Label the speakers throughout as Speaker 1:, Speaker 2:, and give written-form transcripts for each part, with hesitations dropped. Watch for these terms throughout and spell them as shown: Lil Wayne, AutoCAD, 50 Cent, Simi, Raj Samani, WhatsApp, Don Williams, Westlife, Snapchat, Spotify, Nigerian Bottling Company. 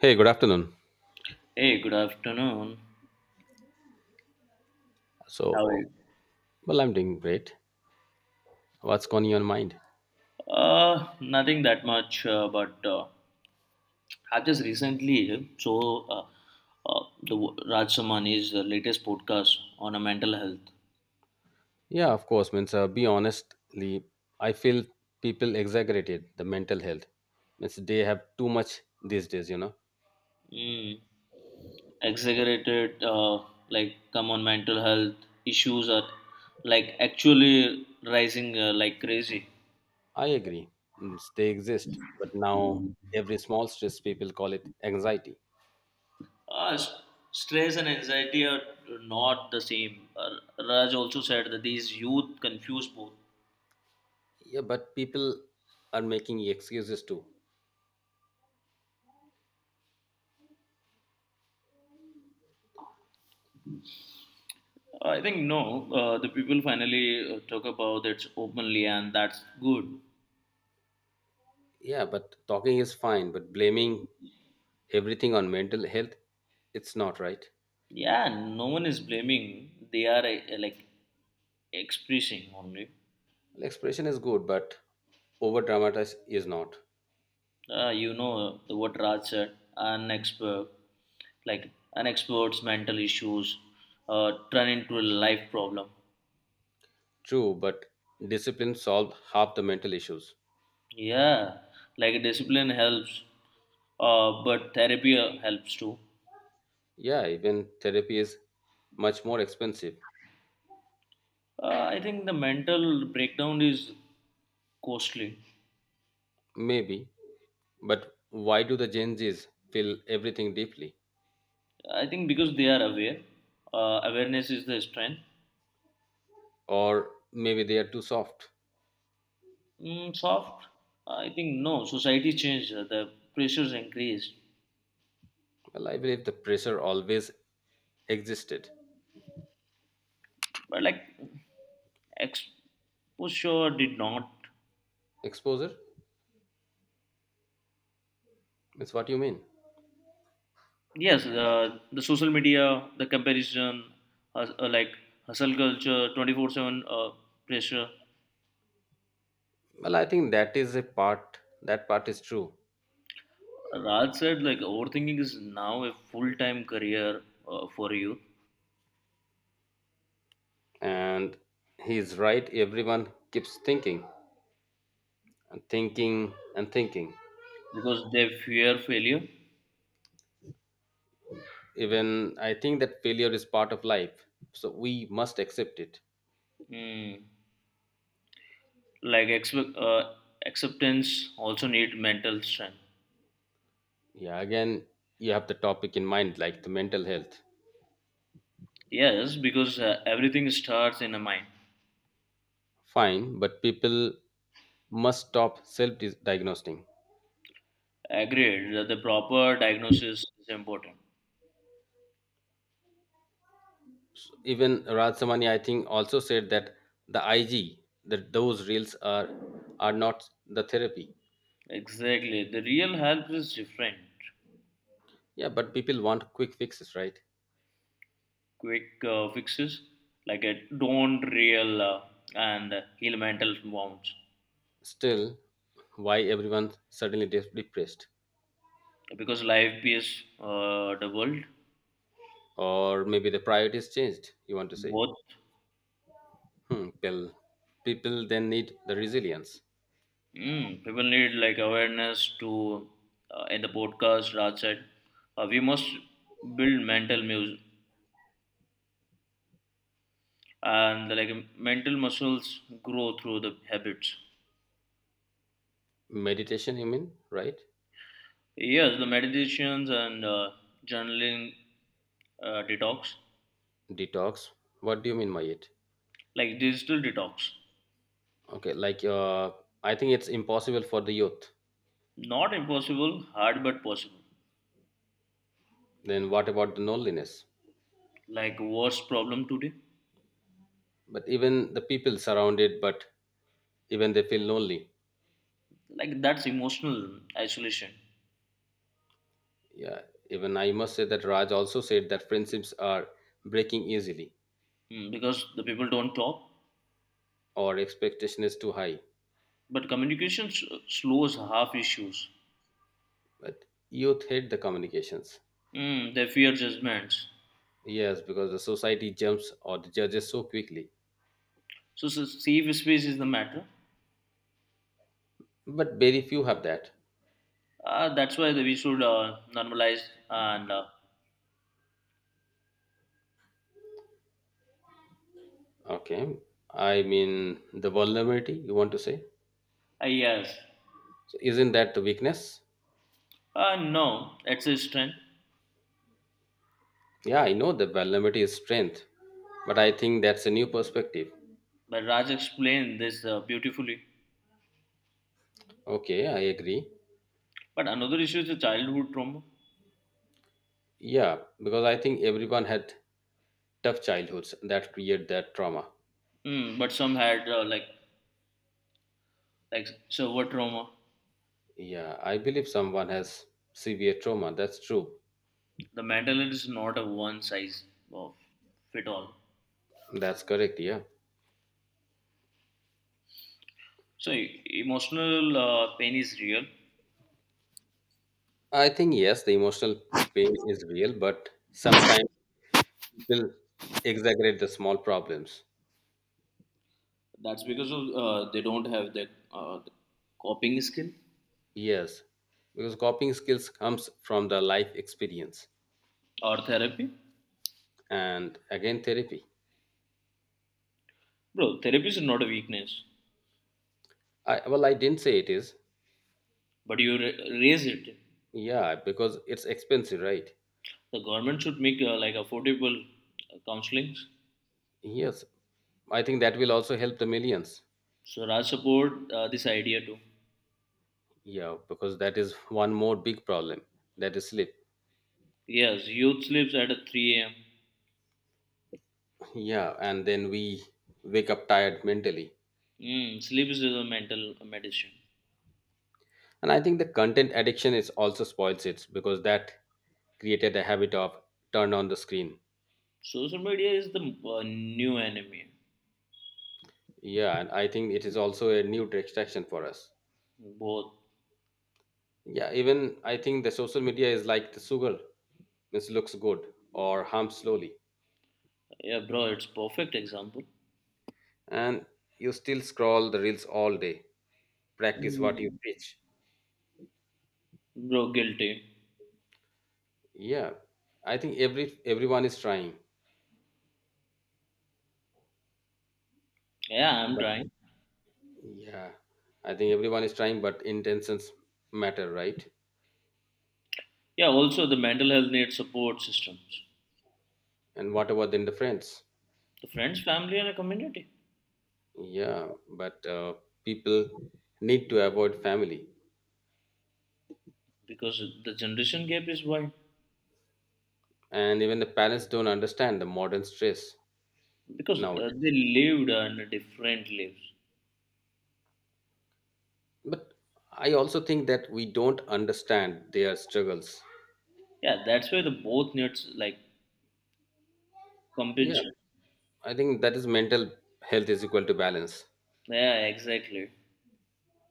Speaker 1: Hey, good afternoon.
Speaker 2: Hey, good afternoon. How
Speaker 1: So,
Speaker 2: are you?
Speaker 1: well, I'm doing great. What's going on your mind?
Speaker 2: Nothing that much, but I've just recently so the Raj Samani's latest podcast on a mental health.
Speaker 1: Yeah, of course. Means, be honestly, I feel people exaggerated the mental health. Means they have too much these days. You know,
Speaker 2: Mm, Exaggerated, like come on, mental health issues are like actually rising like crazy.
Speaker 1: I agree. Means they exist, but now every small stress people call it anxiety.
Speaker 2: Uh, s- Stress and anxiety are not the same. Raj also said that these youth confuse both.
Speaker 1: Yeah, but people are making excuses too.
Speaker 2: I think no. The people finally talk about it openly, and that's good.
Speaker 1: Yeah, but talking is fine, but blaming everything on mental health, it's not right.
Speaker 2: Yeah, no one is blaming. They are like expressing only.
Speaker 1: Expression is good, but over dramatize is not.
Speaker 2: You know the What Raj said: an expert, like an expert's mental issues, turn into a life problem.
Speaker 1: True, but discipline solves half the mental issues.
Speaker 2: Yeah, like discipline helps, but therapy helps too.
Speaker 1: Yeah, even therapy is much more expensive.
Speaker 2: I think the mental breakdown is costly.
Speaker 1: Maybe. But why do the Gen Zs feel everything deeply?
Speaker 2: I think because they are aware, awareness is the strength.
Speaker 1: Or maybe they are too soft.
Speaker 2: Soft, I think no. Society changed, the pressures increased,
Speaker 1: Well, I believe the pressure always existed.
Speaker 2: but like exposure did not.
Speaker 1: Exposure? That's what you mean.
Speaker 2: Yes, the social media, the comparison, hus- uh, like hustle culture, 24/7 pressure.
Speaker 1: Well, I think that is a part, that part is true.
Speaker 2: Raj said like overthinking is now a full time career for you
Speaker 1: And he's right, everyone keeps thinking, and thinking and thinking.
Speaker 2: because they fear failure.
Speaker 1: Even I think that failure is part of life, so we must accept it.
Speaker 2: Mm. like expe- uh, Acceptance also need mental strength,
Speaker 1: Yeah, again, you have the topic in mind, like the mental health.
Speaker 2: yes, because everything starts in the mind.
Speaker 1: Fine, but people must stop self-diagnosing.
Speaker 2: Agreed that the proper diagnosis is important.
Speaker 1: Even Radhamani, I think, also said that the IG, that those reels are not the therapy.
Speaker 2: Exactly, the real help is different.
Speaker 1: Yeah, but people want quick fixes, right?
Speaker 2: Quick fixes, like a don't real and heal mental wounds,
Speaker 1: Still, why everyone suddenly depressed?
Speaker 2: because life is the world.
Speaker 1: Or maybe the priorities changed. You want to say?
Speaker 2: Both.
Speaker 1: Hmm, well, people then need the resilience.
Speaker 2: People need like awareness to, in the podcast Raj said we must build mental mus- and like mental muscles grow through the habits.
Speaker 1: Meditation, you mean, right?
Speaker 2: Yes, the meditations and journaling, detox,
Speaker 1: Detox. What do you mean by it?
Speaker 2: like digital detox,
Speaker 1: Okay, like I think it's impossible for the youth.
Speaker 2: not impossible, hard but possible.
Speaker 1: Then what about the loneliness?
Speaker 2: Like worst problem today,
Speaker 1: But even the people surrounded, but even they feel lonely.
Speaker 2: like that's emotional isolation.
Speaker 1: Yeah, even I must say that Raj also said that friendships are breaking easily,
Speaker 2: Hmm, because the people don't talk,
Speaker 1: or expectation is too high.
Speaker 2: but communication slows half issues.
Speaker 1: But youth hate the communications.
Speaker 2: Mm, they fear judgments.
Speaker 1: Yes, because the society jumps or the judges so quickly.
Speaker 2: So safe space is the matter.
Speaker 1: But very few have that.
Speaker 2: That's why we should normalize and uh,
Speaker 1: Okay. I mean, the vulnerability, you want to say?
Speaker 2: uh, yes.
Speaker 1: So isn't that the weakness?
Speaker 2: No, it's a strength.
Speaker 1: Yeah, I know the vulnerability is strength, but I think that's a new perspective.
Speaker 2: But Raj explained this beautifully.
Speaker 1: Okay, I agree.
Speaker 2: But another issue is the childhood trauma.
Speaker 1: Yeah, because I think everyone had tough childhoods that create that trauma.
Speaker 2: Mm, but some had like server trauma.
Speaker 1: Yeah, I believe someone has severe trauma. That's true.
Speaker 2: The mental is not a one size of fit all.
Speaker 1: That's correct. Yeah.
Speaker 2: So emotional pain is real.
Speaker 1: I think, yes, the emotional pain is real, but sometimes people exaggerate the small problems.
Speaker 2: That's because of they don't have the, the coping skill,
Speaker 1: Yes, because coping skills comes from the life experience.
Speaker 2: or therapy.
Speaker 1: And again therapy.
Speaker 2: Bro, therapy is not a weakness,
Speaker 1: I well, I didn't say it is.
Speaker 2: but you raise it.
Speaker 1: Yeah, because it's expensive, right?
Speaker 2: The government should make like affordable counseling.
Speaker 1: Yes, I think that will also help the millions.
Speaker 2: So I support this idea too.
Speaker 1: Yeah, because that is one more big problem, that is sleep.
Speaker 2: Yes, youth sleeps at 3 a.m.
Speaker 1: Yeah, and then we wake up tired mentally.
Speaker 2: Mm, sleep is a mental medicine.
Speaker 1: And I think the content addiction is also spoils it, because that created a habit of turn on the screen.
Speaker 2: Social media is the new enemy.
Speaker 1: Yeah, and I think it is also a new distraction for us.
Speaker 2: Both.
Speaker 1: Yeah, even I think the social media is like the sugar. It looks good or harms slowly.
Speaker 2: Yeah, bro, it's perfect example.
Speaker 1: And you still scroll the reels all day. Practice what you
Speaker 2: Mm.
Speaker 1: preach.
Speaker 2: Bro, guilty.
Speaker 1: Yeah. I think everyone is trying.
Speaker 2: Yeah, I'm
Speaker 1: But
Speaker 2: trying.
Speaker 1: yeah. I think everyone is trying, but intentions matter, right?
Speaker 2: Yeah, also the mental health needs support systems.
Speaker 1: And what about then the friends?
Speaker 2: The friends, family, and a community.
Speaker 1: Yeah. But people need to avoid family.
Speaker 2: Because the generation gap is wide.
Speaker 1: And even the parents don't understand the modern stress
Speaker 2: Because
Speaker 1: now.
Speaker 2: they lived and different lives.
Speaker 1: But I also think that we don't understand their struggles.
Speaker 2: Yeah, that's why the both needs like
Speaker 1: Yeah,
Speaker 2: compensation.
Speaker 1: I think that is mental health is equal to balance,
Speaker 2: Yeah, exactly.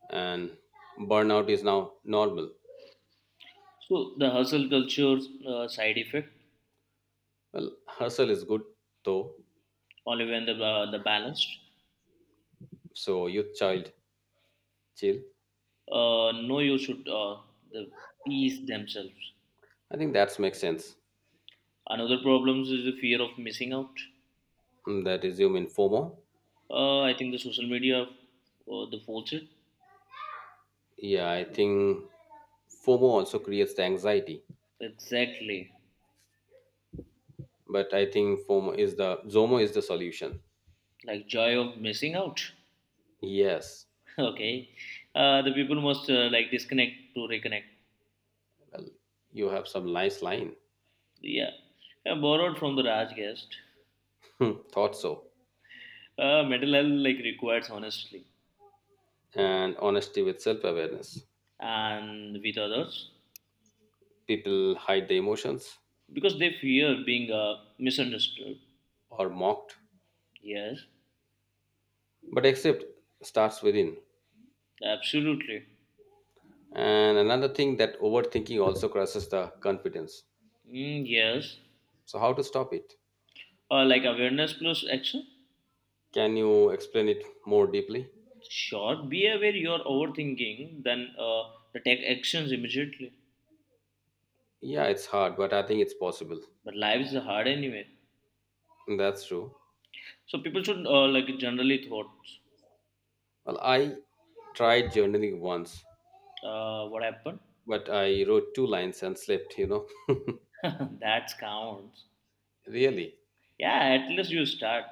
Speaker 1: and burnout is now normal.
Speaker 2: So the hustle culture side effect,
Speaker 1: Well, hustle is good though.
Speaker 2: only when the balanced.
Speaker 1: So youth child chill.
Speaker 2: No, you should the peace themselves.
Speaker 1: I think that makes sense.
Speaker 2: Another problem is the fear of missing out.
Speaker 1: Mm, that is you mean FOMO.
Speaker 2: I think the social media the false it.
Speaker 1: Yeah, I think FOMO also creates the anxiety,
Speaker 2: Exactly,
Speaker 1: but I think FOMO is the ZOMO is the solution.
Speaker 2: like joy of missing out.
Speaker 1: Yes,
Speaker 2: Okay, the people must like disconnect to reconnect.
Speaker 1: you have some nice line.
Speaker 2: Yeah. Borrowed from the Raj guest.
Speaker 1: Hmm, thought so.
Speaker 2: Mental health like requires honestly,
Speaker 1: And honesty with self awareness.
Speaker 2: and with others,
Speaker 1: People hide their emotions
Speaker 2: because they fear being misunderstood.
Speaker 1: or mocked,
Speaker 2: Yes,
Speaker 1: but accept starts within.
Speaker 2: absolutely.
Speaker 1: And another thing that overthinking also crushes the confidence.
Speaker 2: Mm, yes,
Speaker 1: So, how to stop it?
Speaker 2: like awareness plus action.
Speaker 1: Can you explain it more deeply?
Speaker 2: Sure, be aware you're overthinking, then the take actions immediately.
Speaker 1: Yeah, it's hard, but I think it's possible.
Speaker 2: But life is hard anyway,
Speaker 1: That's true.
Speaker 2: so people should like generally thought.
Speaker 1: Well, I tried journaling once,
Speaker 2: What happened?
Speaker 1: but I wrote two lines and slept, you know.
Speaker 2: That counts.
Speaker 1: Really?
Speaker 2: Yeah, at least you start.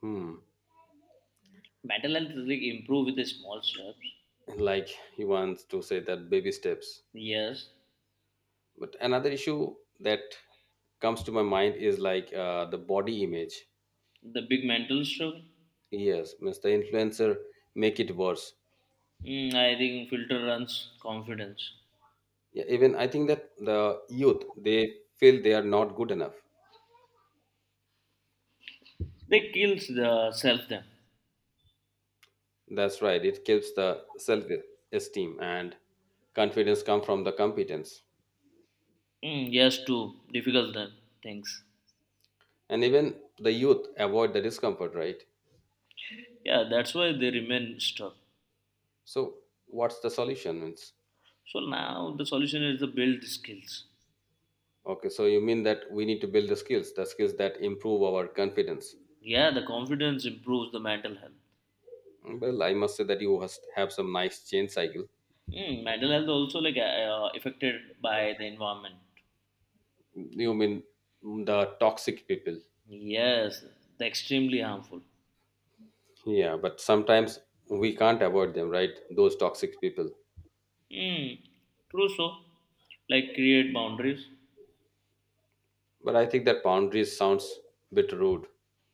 Speaker 1: Hmm.
Speaker 2: Mental health is like improve with the small steps.
Speaker 1: Like he wants to say that baby steps,
Speaker 2: Yes,
Speaker 1: but another issue that comes to my mind is like the body image.
Speaker 2: the big mental struggle.
Speaker 1: Yes, means the influencer make it worse.
Speaker 2: Mm, I think filter runs confidence.
Speaker 1: Yeah, even I think that the youth, they feel they are not good enough.
Speaker 2: They kills the self them.
Speaker 1: That's right, it kills the self esteem, and confidence come from the competence.
Speaker 2: Mm, yes, too difficult them things.
Speaker 1: And even the youth avoid the discomfort, right?
Speaker 2: Yeah, that's why they remain stuck.
Speaker 1: So what's the solution, means,
Speaker 2: So now the solution is to build the skills.
Speaker 1: okay, so you mean that we need to build the skills, the skills that improve our confidence.
Speaker 2: Yeah, the confidence improves the mental health.
Speaker 1: Well, I must say that have some nice change cycle.
Speaker 2: Mm, mental health also like affected by the environment.
Speaker 1: You mean the toxic people?
Speaker 2: Yes, the extremely harmful.
Speaker 1: Yeah, but sometimes we can't avoid them, right? Those toxic people.
Speaker 2: Mm, true so. Like create boundaries.
Speaker 1: But I think that boundaries sounds a bit rude,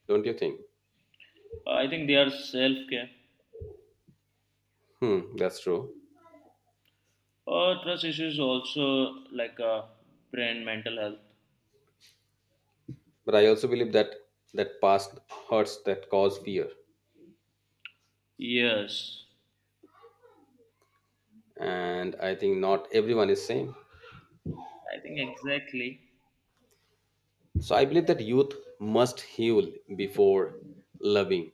Speaker 1: don't you think?
Speaker 2: I think they are self care.
Speaker 1: Hmm, that's true.
Speaker 2: Trust issues also like brain mental health.
Speaker 1: But I also believe that past hurts that cause fear,
Speaker 2: Yes.
Speaker 1: and I think not everyone is same.
Speaker 2: I think exactly.
Speaker 1: So I believe that youth must heal before loving.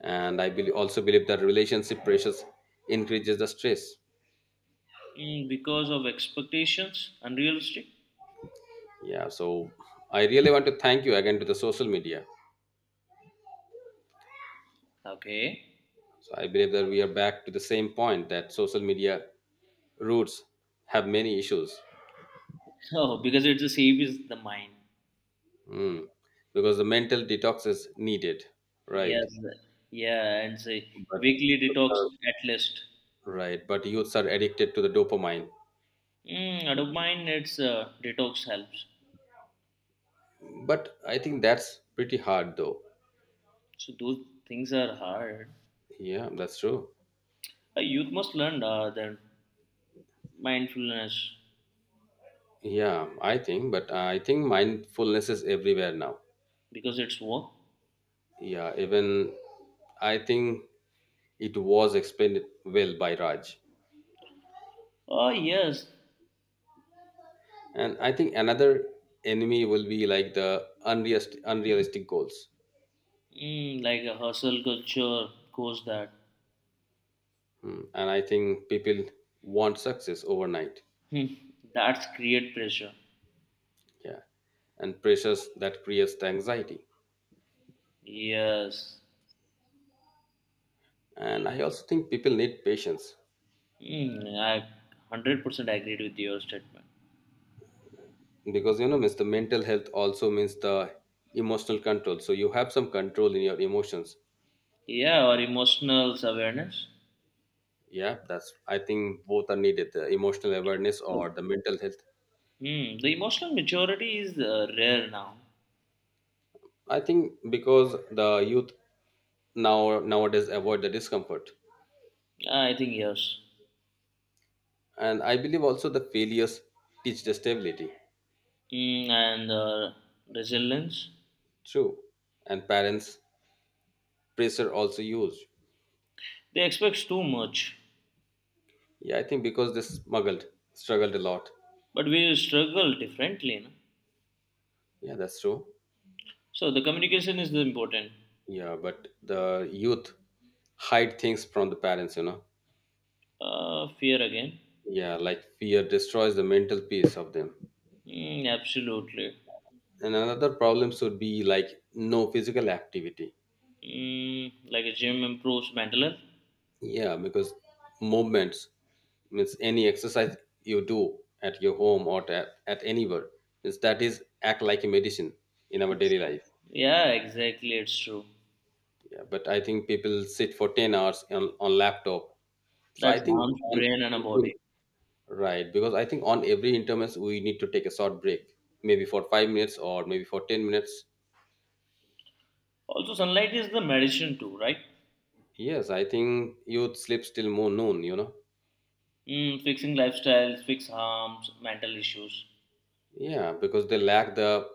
Speaker 1: And I believe that relationship pressures increases the stress.
Speaker 2: Mm, because of expectations, unrealistic.
Speaker 1: Yeah, so I really want to thank you again to the social media.
Speaker 2: Okay.
Speaker 1: So I believe that we are back to the same point, that social media roots have many issues.
Speaker 2: Oh, because it's the same as the mind.
Speaker 1: Mm. Because the mental detox is needed, right
Speaker 2: Yes. Yeah, and say
Speaker 1: but
Speaker 2: weekly detox at least.
Speaker 1: right but youths are addicted to the dopamine,
Speaker 2: Mm, out of mind, it's detox helps.
Speaker 1: but I think that's pretty hard though.
Speaker 2: So those things are hard.
Speaker 1: Yeah, that's true.
Speaker 2: A youth must learn that mindfulness,
Speaker 1: Yeah, I think, but I think mindfulness is everywhere now.
Speaker 2: because it's work.
Speaker 1: Yeah, even I think it was explained well by Raj.
Speaker 2: Oh yes.
Speaker 1: And I think another enemy will be like the unrealistic goals.
Speaker 2: Mm, like a hustle culture goes that.
Speaker 1: Hmm. And I think people want success overnight.
Speaker 2: Hmm, that's create pressure.
Speaker 1: Yeah. And pressures that creates the anxiety.
Speaker 2: Yes.
Speaker 1: And I also think people need patience,
Speaker 2: Hmm, I 100% agreed with your statement.
Speaker 1: because you know, means the mental health also means the emotional control. So you have some control in your emotions.
Speaker 2: Yeah, or emotional awareness.
Speaker 1: Yeah, that's I think both are needed, the emotional awareness
Speaker 2: Yes.
Speaker 1: or the mental health.
Speaker 2: Mm, the emotional maturity is rare now.
Speaker 1: I think because the youth nowadays avoid the discomfort,
Speaker 2: Yeah, I think yes.
Speaker 1: and I believe also the failures teach the stability.
Speaker 2: Mm, and Resilience.
Speaker 1: True, and parents pressure also used.
Speaker 2: They expect too much,
Speaker 1: Yeah, I think because they smuggled struggled a lot.
Speaker 2: but we struggle differently. No?
Speaker 1: Yeah, that's true.
Speaker 2: So the communication is the important.
Speaker 1: Yeah, but the youth hide things from the parents. You know.
Speaker 2: Fear again.
Speaker 1: Yeah, like fear destroys the mental peace of them.
Speaker 2: Mm, absolutely.
Speaker 1: And another problem should be like no physical activity.
Speaker 2: Mm, like a gym improves mental health.
Speaker 1: Yeah, because movements, means any exercise you do at your home or at anywhere, means that is act like a medicine in our
Speaker 2: Yes.
Speaker 1: daily life.
Speaker 2: Yeah, exactly. It's true.
Speaker 1: Yeah, but I think people sit for 10 hours on laptop. So I
Speaker 2: That's
Speaker 1: think
Speaker 2: harms
Speaker 1: on,
Speaker 2: brain and a body.
Speaker 1: right, because I think on every intermess we need to take a short break, maybe for 5 minutes or maybe for 10 minutes.
Speaker 2: Also, sunlight is the medicine too, right?
Speaker 1: Yes, I think youth sleeps till more noon. You know.
Speaker 2: Mm, fixing lifestyles, fix harms, mental issues,
Speaker 1: Yeah, because they lack the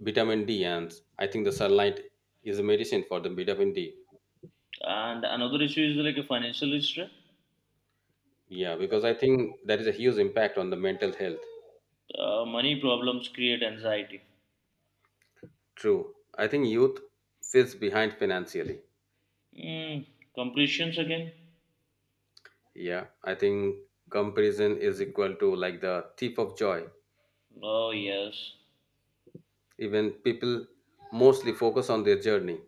Speaker 1: vitamin D, and I think the sunlight is a medicine for the vitamin D.
Speaker 2: and another issue is like a financial issue.
Speaker 1: Yeah, because I think that is a huge impact on the mental health.
Speaker 2: Money problems create anxiety.
Speaker 1: True. I think youth sits behind financially.
Speaker 2: Mm, completions again?
Speaker 1: Yeah, I think comparison is equal to like the thief of joy.
Speaker 2: Oh yes.
Speaker 1: Even people mostly focus on their journey.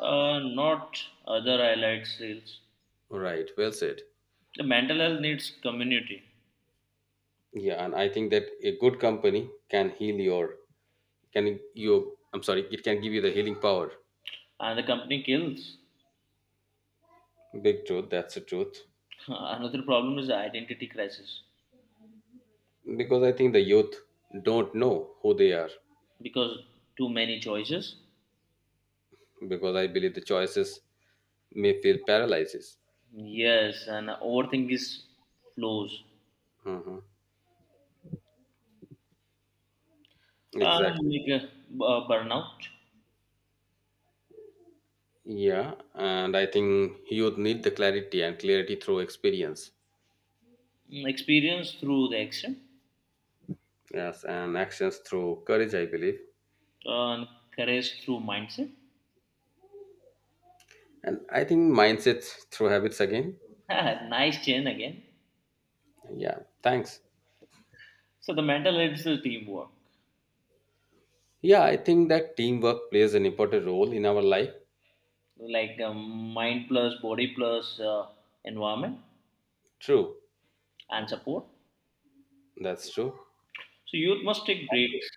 Speaker 2: Not other highlight sales.
Speaker 1: Right, well said.
Speaker 2: The mental health needs community,
Speaker 1: Yeah, and I think that a good company can heal your, can you, I'm sorry, it can give you the healing power.
Speaker 2: and the company kills.
Speaker 1: Big truth, that's the truth.
Speaker 2: Another problem is identity crisis,
Speaker 1: Because I think the youth don't know who they are,
Speaker 2: because too many choices.
Speaker 1: because I believe the choices may feel paralyzes.
Speaker 2: Yes, and overthink is flows.
Speaker 1: Mhm. Exactly.
Speaker 2: Like a, burnout,
Speaker 1: Yeah, and I think youth need the clarity, and clarity through experience.
Speaker 2: mm, experience through the action,
Speaker 1: Yes, and actions through courage, I believe.
Speaker 2: and courage through mindset.
Speaker 1: And I think mindsets through habits again.
Speaker 2: Nice chain again.
Speaker 1: Yeah, thanks.
Speaker 2: So the mental it's the teamwork,
Speaker 1: Yeah, I think that teamwork plays an important role in our life.
Speaker 2: like mind plus body plus environment
Speaker 1: True,
Speaker 2: and support.
Speaker 1: that's true.
Speaker 2: So youth must take breaks.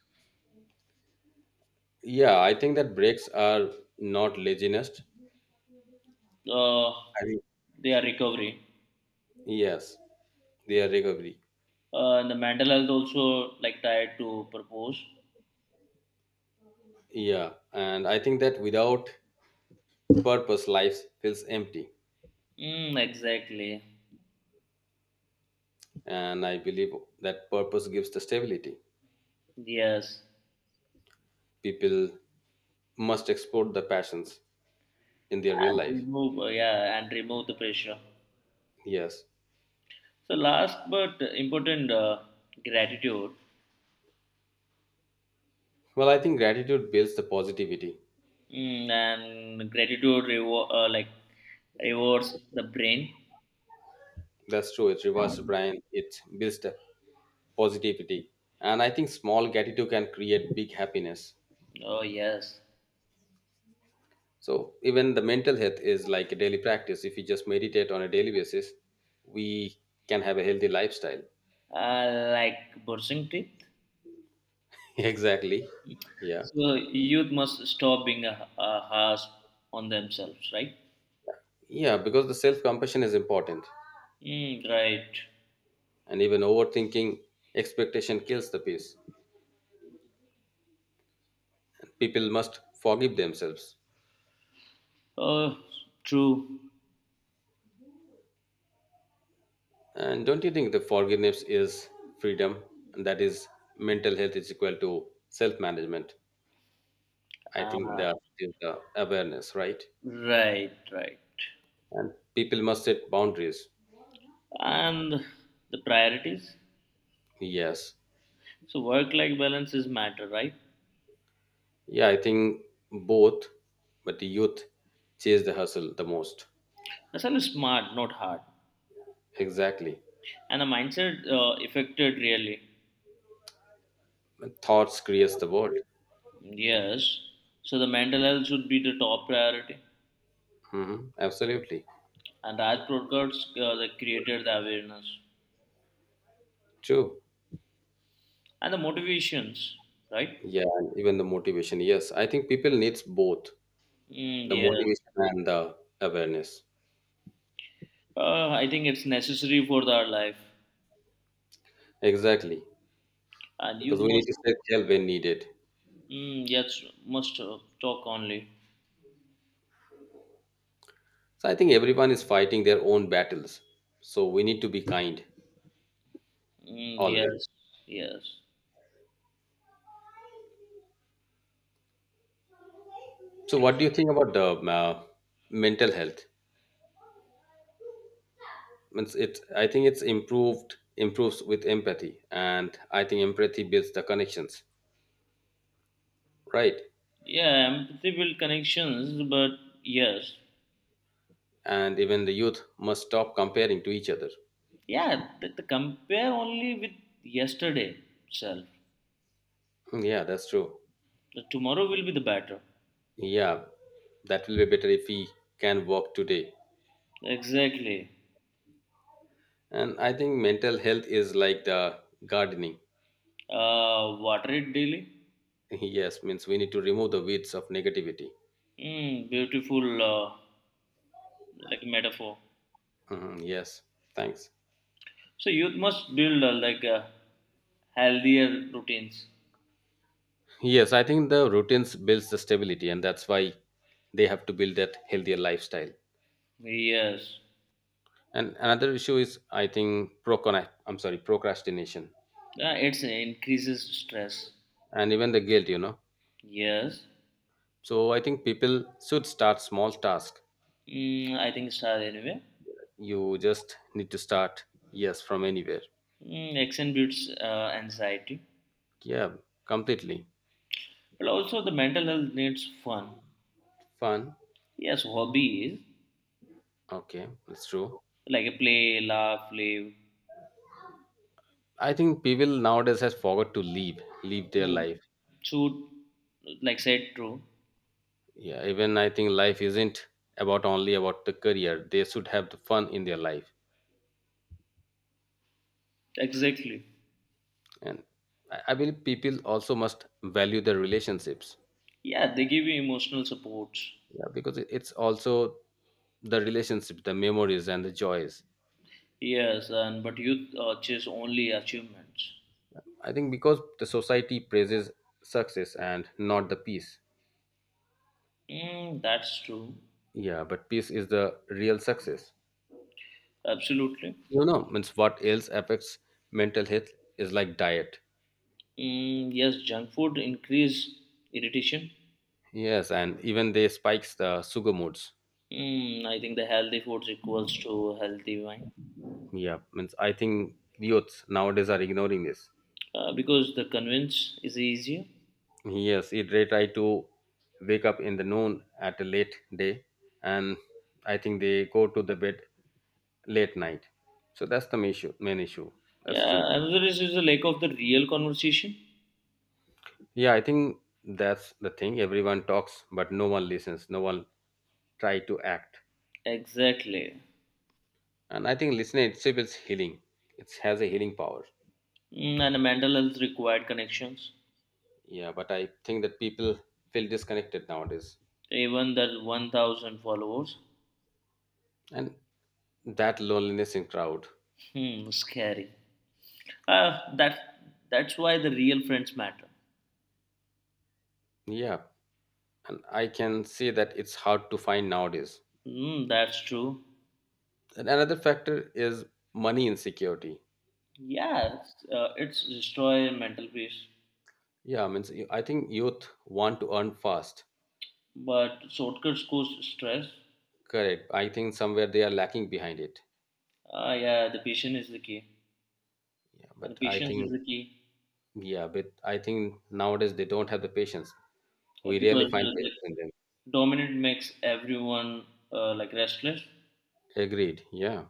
Speaker 1: Yeah, I think that breaks are not laziness.
Speaker 2: Uh,
Speaker 1: I think
Speaker 2: they are recovery.
Speaker 1: yes. Their recovery.
Speaker 2: And the mental health also like tied to purpose.
Speaker 1: Yeah, and I think that without purpose, life feels empty.
Speaker 2: Mm, exactly.
Speaker 1: And I believe that purpose gives the stability.
Speaker 2: Yes.
Speaker 1: People must explore the passions in their real
Speaker 2: And
Speaker 1: life.
Speaker 2: remove the pressure.
Speaker 1: Yes.
Speaker 2: So last but important, gratitude.
Speaker 1: Well, I think gratitude builds the positivity.
Speaker 2: Mm, and gratitude rewards the brain.
Speaker 1: That's true. It reverses Brian. It builds the positivity. And I think small gratitude can create big happiness.
Speaker 2: Oh yes,
Speaker 1: So even the mental health is like a daily practice. If we just meditate on a daily basis, we can have a healthy lifestyle.
Speaker 2: uh, like brushing teeth.
Speaker 1: Exactly, yeah.
Speaker 2: So youth must stop being a harsh on themselves, right?
Speaker 1: Yeah, because the self compassion is important.
Speaker 2: Mm, right.
Speaker 1: And even overthinking expectation kills the peace. People must forgive themselves,
Speaker 2: Oh, true.
Speaker 1: and don't you think the forgiveness is freedom? And that is mental health is equal to self management. I think
Speaker 2: Uh,
Speaker 1: that is the awareness, right?
Speaker 2: right.
Speaker 1: And people must set boundaries.
Speaker 2: And the priorities.
Speaker 1: Yes.
Speaker 2: So work-life balance is matter, right?
Speaker 1: Yeah, I think both, but the youth chase the hustle the most.
Speaker 2: That's only smart, not hard.
Speaker 1: Exactly.
Speaker 2: And the mindset affected really.
Speaker 1: Thoughts creates the world.
Speaker 2: Yes. So the mental health should be the top priority.
Speaker 1: Mhm. Absolutely.
Speaker 2: And Raj Broadcast they created the awareness
Speaker 1: True.
Speaker 2: and the motivations, right?
Speaker 1: Yeah, and even the motivation. Yes, I think people needs both
Speaker 2: Mm,
Speaker 1: the
Speaker 2: yes.
Speaker 1: motivation and the awareness.
Speaker 2: I think it's necessary for our life.
Speaker 1: Exactly.
Speaker 2: And you
Speaker 1: Because we need
Speaker 2: must,
Speaker 1: to stay help when needed.
Speaker 2: mm, yes, must talk only.
Speaker 1: So I think everyone is fighting their own battles. So we need to be kind
Speaker 2: Mm,
Speaker 1: always.
Speaker 2: yes, yes.
Speaker 1: So what do you think about the mental health? Means it's I think it's improved improves with empathy, and I think empathy builds the connections, right?
Speaker 2: Yeah, empathy build connections, but yes.
Speaker 1: And even the youth must stop comparing to each other.
Speaker 2: Yeah, the compare only with yesterday itself.
Speaker 1: Yeah, that's true.
Speaker 2: The tomorrow will be the better.
Speaker 1: Yeah, that will be better if we can walk today.
Speaker 2: Exactly.
Speaker 1: And I think mental health is like the gardening.
Speaker 2: Water it daily.
Speaker 1: Yes, means we need to remove the weeds of negativity.
Speaker 2: Mm, beautiful, like metaphor.
Speaker 1: Mhm, yes, thanks.
Speaker 2: So youth must build healthier routines.
Speaker 1: Yes, I think the routines builds the stability, and that's why they have to build that healthier lifestyle.
Speaker 2: Yes.
Speaker 1: And another issue is, I think, procrastination. I'm sorry, procrastination,
Speaker 2: Yeah, it's increases stress.
Speaker 1: and even the guilt.
Speaker 2: Yes.
Speaker 1: So I think people should start small tasks.
Speaker 2: Mm, I think start anyway.
Speaker 1: You just need to start, yes, from anywhere.
Speaker 2: Mm, action builds anxiety,
Speaker 1: Yeah, completely.
Speaker 2: but also the mental health needs fun.
Speaker 1: Fun.
Speaker 2: Yes, hobby is
Speaker 1: Okay, that's true.
Speaker 2: like a play, laugh, live.
Speaker 1: I think people nowadays has forgot to live, live their
Speaker 2: Mm.
Speaker 1: life.
Speaker 2: Shoot, like said true.
Speaker 1: Yeah, even I think life isn't about only about the career. They should have the fun in their life.
Speaker 2: Exactly.
Speaker 1: And I believe people also must value their relationships.
Speaker 2: Yeah, they give you emotional supports.
Speaker 1: Yeah, because it's also the relationships, the memories and the joys.
Speaker 2: Yes, and but youth chase only achievements.
Speaker 1: I think because the society praises success and not the peace.
Speaker 2: Mm, that's true.
Speaker 1: Yeah, but peace is the real success.
Speaker 2: Absolutely.
Speaker 1: Means what else affects mental health is like diet.
Speaker 2: Mm, yes, junk food increase irritation.
Speaker 1: Yes, and even they spikes the sugar moods.
Speaker 2: Mm, I think the healthy foods equals to healthy wine,
Speaker 1: Yeah, means I think youths nowadays are ignoring this.
Speaker 2: because the convince is easier.
Speaker 1: Yes, it they try to wake up in the noon at a late day, and I think they go to the bed late night. So that's the main issue. Main issue. That's true.
Speaker 2: Yeah, another is the lack of the real conversation.
Speaker 1: Yeah, I think that's the thing. Everyone talks, but no one listens. No one try to act.
Speaker 2: Exactly.
Speaker 1: And I think listening itself is healing, it has a healing power.
Speaker 2: Mm, and the mental health required connections.
Speaker 1: Yeah, but I think that people feel disconnected nowadays,
Speaker 2: Even that 1,000 followers.
Speaker 1: and that loneliness in crowd.
Speaker 2: Hmm, scary. Uh, that that's why the real friends matter.
Speaker 1: Yeah, and I can say that it's hard to find nowadays.
Speaker 2: Mm, that's true.
Speaker 1: And another factor is money insecurity.
Speaker 2: Yeah, it's destroy mental peace,
Speaker 1: Yeah, I mean, so I think youth want to earn fast.
Speaker 2: but shortcuts cause stress.
Speaker 1: Correct, I think somewhere they are lacking behind it.
Speaker 2: Yeah, the patience is the key.
Speaker 1: yeah
Speaker 2: And the
Speaker 1: but i
Speaker 2: patience is
Speaker 1: think
Speaker 2: the key,
Speaker 1: yeah, but I think nowadays they don't have the patience.
Speaker 2: uh,
Speaker 1: We really
Speaker 2: because
Speaker 1: find
Speaker 2: uh, the
Speaker 1: patience in them.
Speaker 2: dominant makes everyone like restless.
Speaker 1: Agreed, yeah.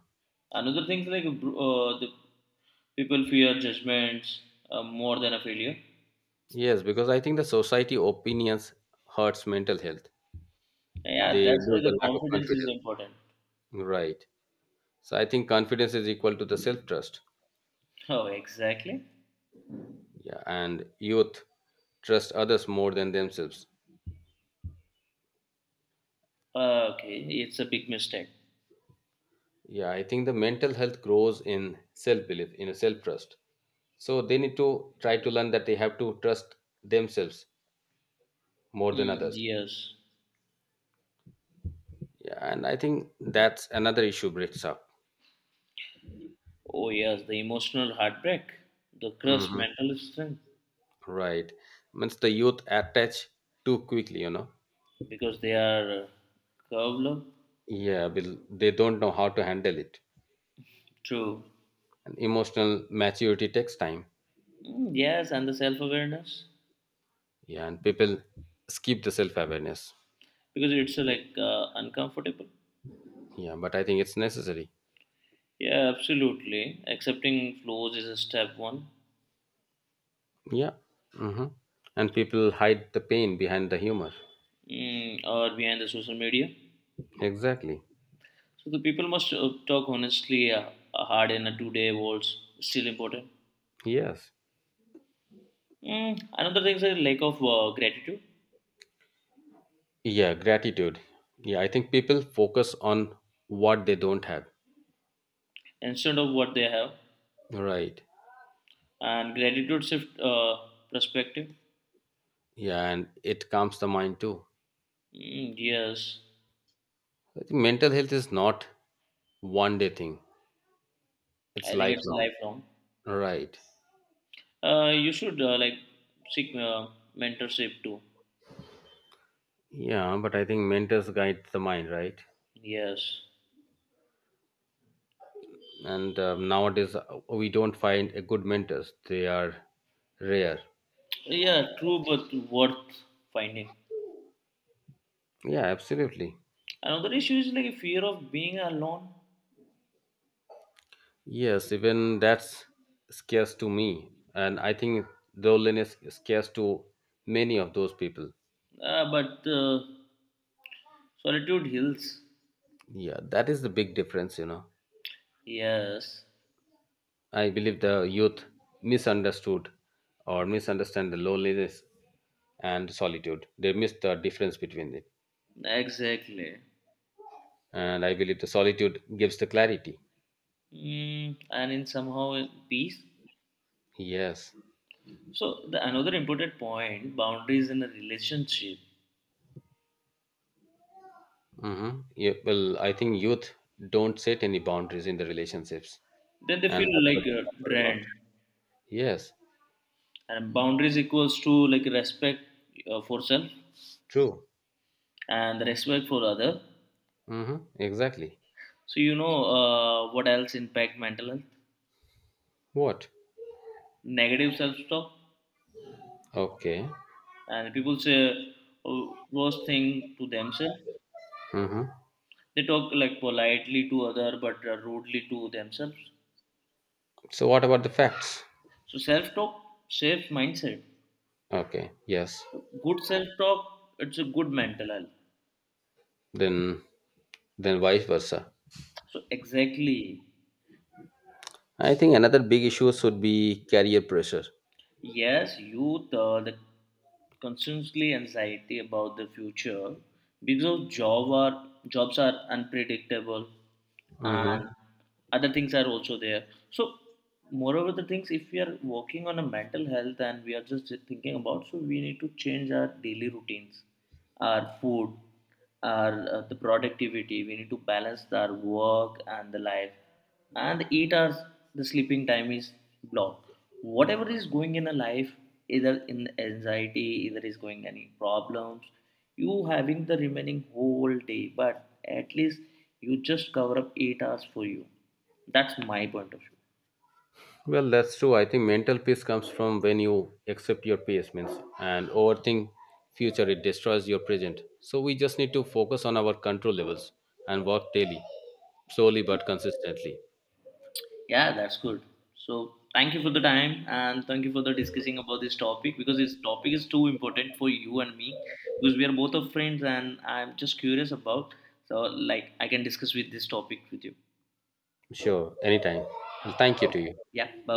Speaker 2: Another thing is like the people fear judgments more than a failure.
Speaker 1: Yes, because I think the society opinions hurts mental health.
Speaker 2: Yeah,
Speaker 1: They
Speaker 2: that's why
Speaker 1: lose
Speaker 2: the
Speaker 1: the lack of
Speaker 2: confidence is
Speaker 1: confidence.
Speaker 2: important.
Speaker 1: Right. So I think confidence is equal to the self trust.
Speaker 2: Oh, exactly.
Speaker 1: Yeah, and youth trust others more than themselves.
Speaker 2: Okay, it's a big mistake.
Speaker 1: Yeah, I think the mental health grows in self belief, in a self trust. So they need to try to learn that they have to trust themselves more than
Speaker 2: Mm,
Speaker 1: others.
Speaker 2: yes.
Speaker 1: Yeah, and I think that's another issue breaks up.
Speaker 2: Oh, yes. The emotional heartbreak, the crushed
Speaker 1: Hmm.
Speaker 2: mental strength,
Speaker 1: Right. Means the youth attach too quickly.
Speaker 2: because they are curved up.
Speaker 1: Yeah, will they don't know how to handle it.
Speaker 2: True.
Speaker 1: And emotional maturity takes time.
Speaker 2: Mm, yes, and the self awareness,
Speaker 1: Yeah, and people skip the self awareness.
Speaker 2: because it's uncomfortable.
Speaker 1: Yeah, but I think it's necessary.
Speaker 2: Yeah, absolutely. Accepting flaws is a step one,
Speaker 1: Yeah. Hmm. And people hide the pain behind the humor.
Speaker 2: mm, or behind the social media.
Speaker 1: Exactly.
Speaker 2: So the people must talk honestly, hard in a 2 day world, still important.
Speaker 1: Yes.
Speaker 2: Mm, another thing is a lack of gratitude,
Speaker 1: Yeah, gratitude. Yeah, I think people focus on what they don't have.
Speaker 2: instead of what they have.
Speaker 1: Right.
Speaker 2: And gratitude shift perspective.
Speaker 1: Yeah, and it calms the mind too.
Speaker 2: Mm, yes,
Speaker 1: I think mental health is not one day thing,
Speaker 2: I
Speaker 1: it's
Speaker 2: think it's
Speaker 1: lifelong.
Speaker 2: lifelong.
Speaker 1: Right.
Speaker 2: You should like seek mentorship too.
Speaker 1: Yeah, but I think mentors guide the mind, right?
Speaker 2: Yes.
Speaker 1: And nowadays, we don't find a good mentors. They are rare.
Speaker 2: Yeah, true, but worth finding.
Speaker 1: Yeah, absolutely.
Speaker 2: Another issue is like fear of being alone.
Speaker 1: Yes, even that's scarce to me, and I think loneliness is scarce to many of those people.
Speaker 2: But Solitude heals.
Speaker 1: Yeah, that is the big difference.
Speaker 2: Yes,
Speaker 1: I believe the youth misunderstood or misunderstand the loneliness and solitude. They miss the difference between it,
Speaker 2: exactly.
Speaker 1: and I believe the solitude gives the clarity.
Speaker 2: Mm, and in somehow in peace.
Speaker 1: Yes.
Speaker 2: So the another important point, boundaries in a relationship,
Speaker 1: Hmm. Yeah, well, I think youth don't set any boundaries in the relationships,
Speaker 2: then they
Speaker 1: and
Speaker 2: feel
Speaker 1: that's why
Speaker 2: like
Speaker 1: they suffer a lot.
Speaker 2: drained,
Speaker 1: Yes,
Speaker 2: and boundaries equals to like respect for self,
Speaker 1: true.
Speaker 2: and respect for other.
Speaker 1: Hmm. Exactly.
Speaker 2: So you know what else impact mental health:
Speaker 1: What?
Speaker 2: negative self talk,
Speaker 1: Okay.
Speaker 2: and people say worst thing to themselves.
Speaker 1: Hmm.
Speaker 2: They talk like politely to other but rudely to themselves.
Speaker 1: So, what about the facts?
Speaker 2: So self talk shapes mindset.
Speaker 1: Okay. Yes.
Speaker 2: So, good self talk, it's a good mental health,
Speaker 1: Then, then vice versa.
Speaker 2: so exactly.
Speaker 1: I think another big issue should be career pressure.
Speaker 2: Yes, youth, the constantly anxiety about the future, because jobs are unpredictable,
Speaker 1: Mm-hmm.
Speaker 2: and other things are also there. So, moreover, the things if we are working on a mental health and we are just thinking about, so we need to change our daily routines, our food, our the productivity. We need to balance our work and the life, and the 8 hours, the sleeping time is blocked. Whatever is going in a life, either in anxiety either is going any problems, you having the remaining whole day, but at least you just cover up 8 hours for you. That's my point of view.
Speaker 1: Well, that's true. I think mental peace comes from when you accept your past means and overthink future. It destroys your present. So we just need to focus on our control levels and work daily, slowly but consistently.
Speaker 2: Yeah, that's good. So thank you for the time, and thank you for the discussing about this topic, because this topic is too important for you and me, because we are both of friends, and I'm just curious about, so like I can discuss with this topic with you.
Speaker 1: Sure, anytime. And thank you
Speaker 2: So,
Speaker 1: to you.
Speaker 2: yeah, bye.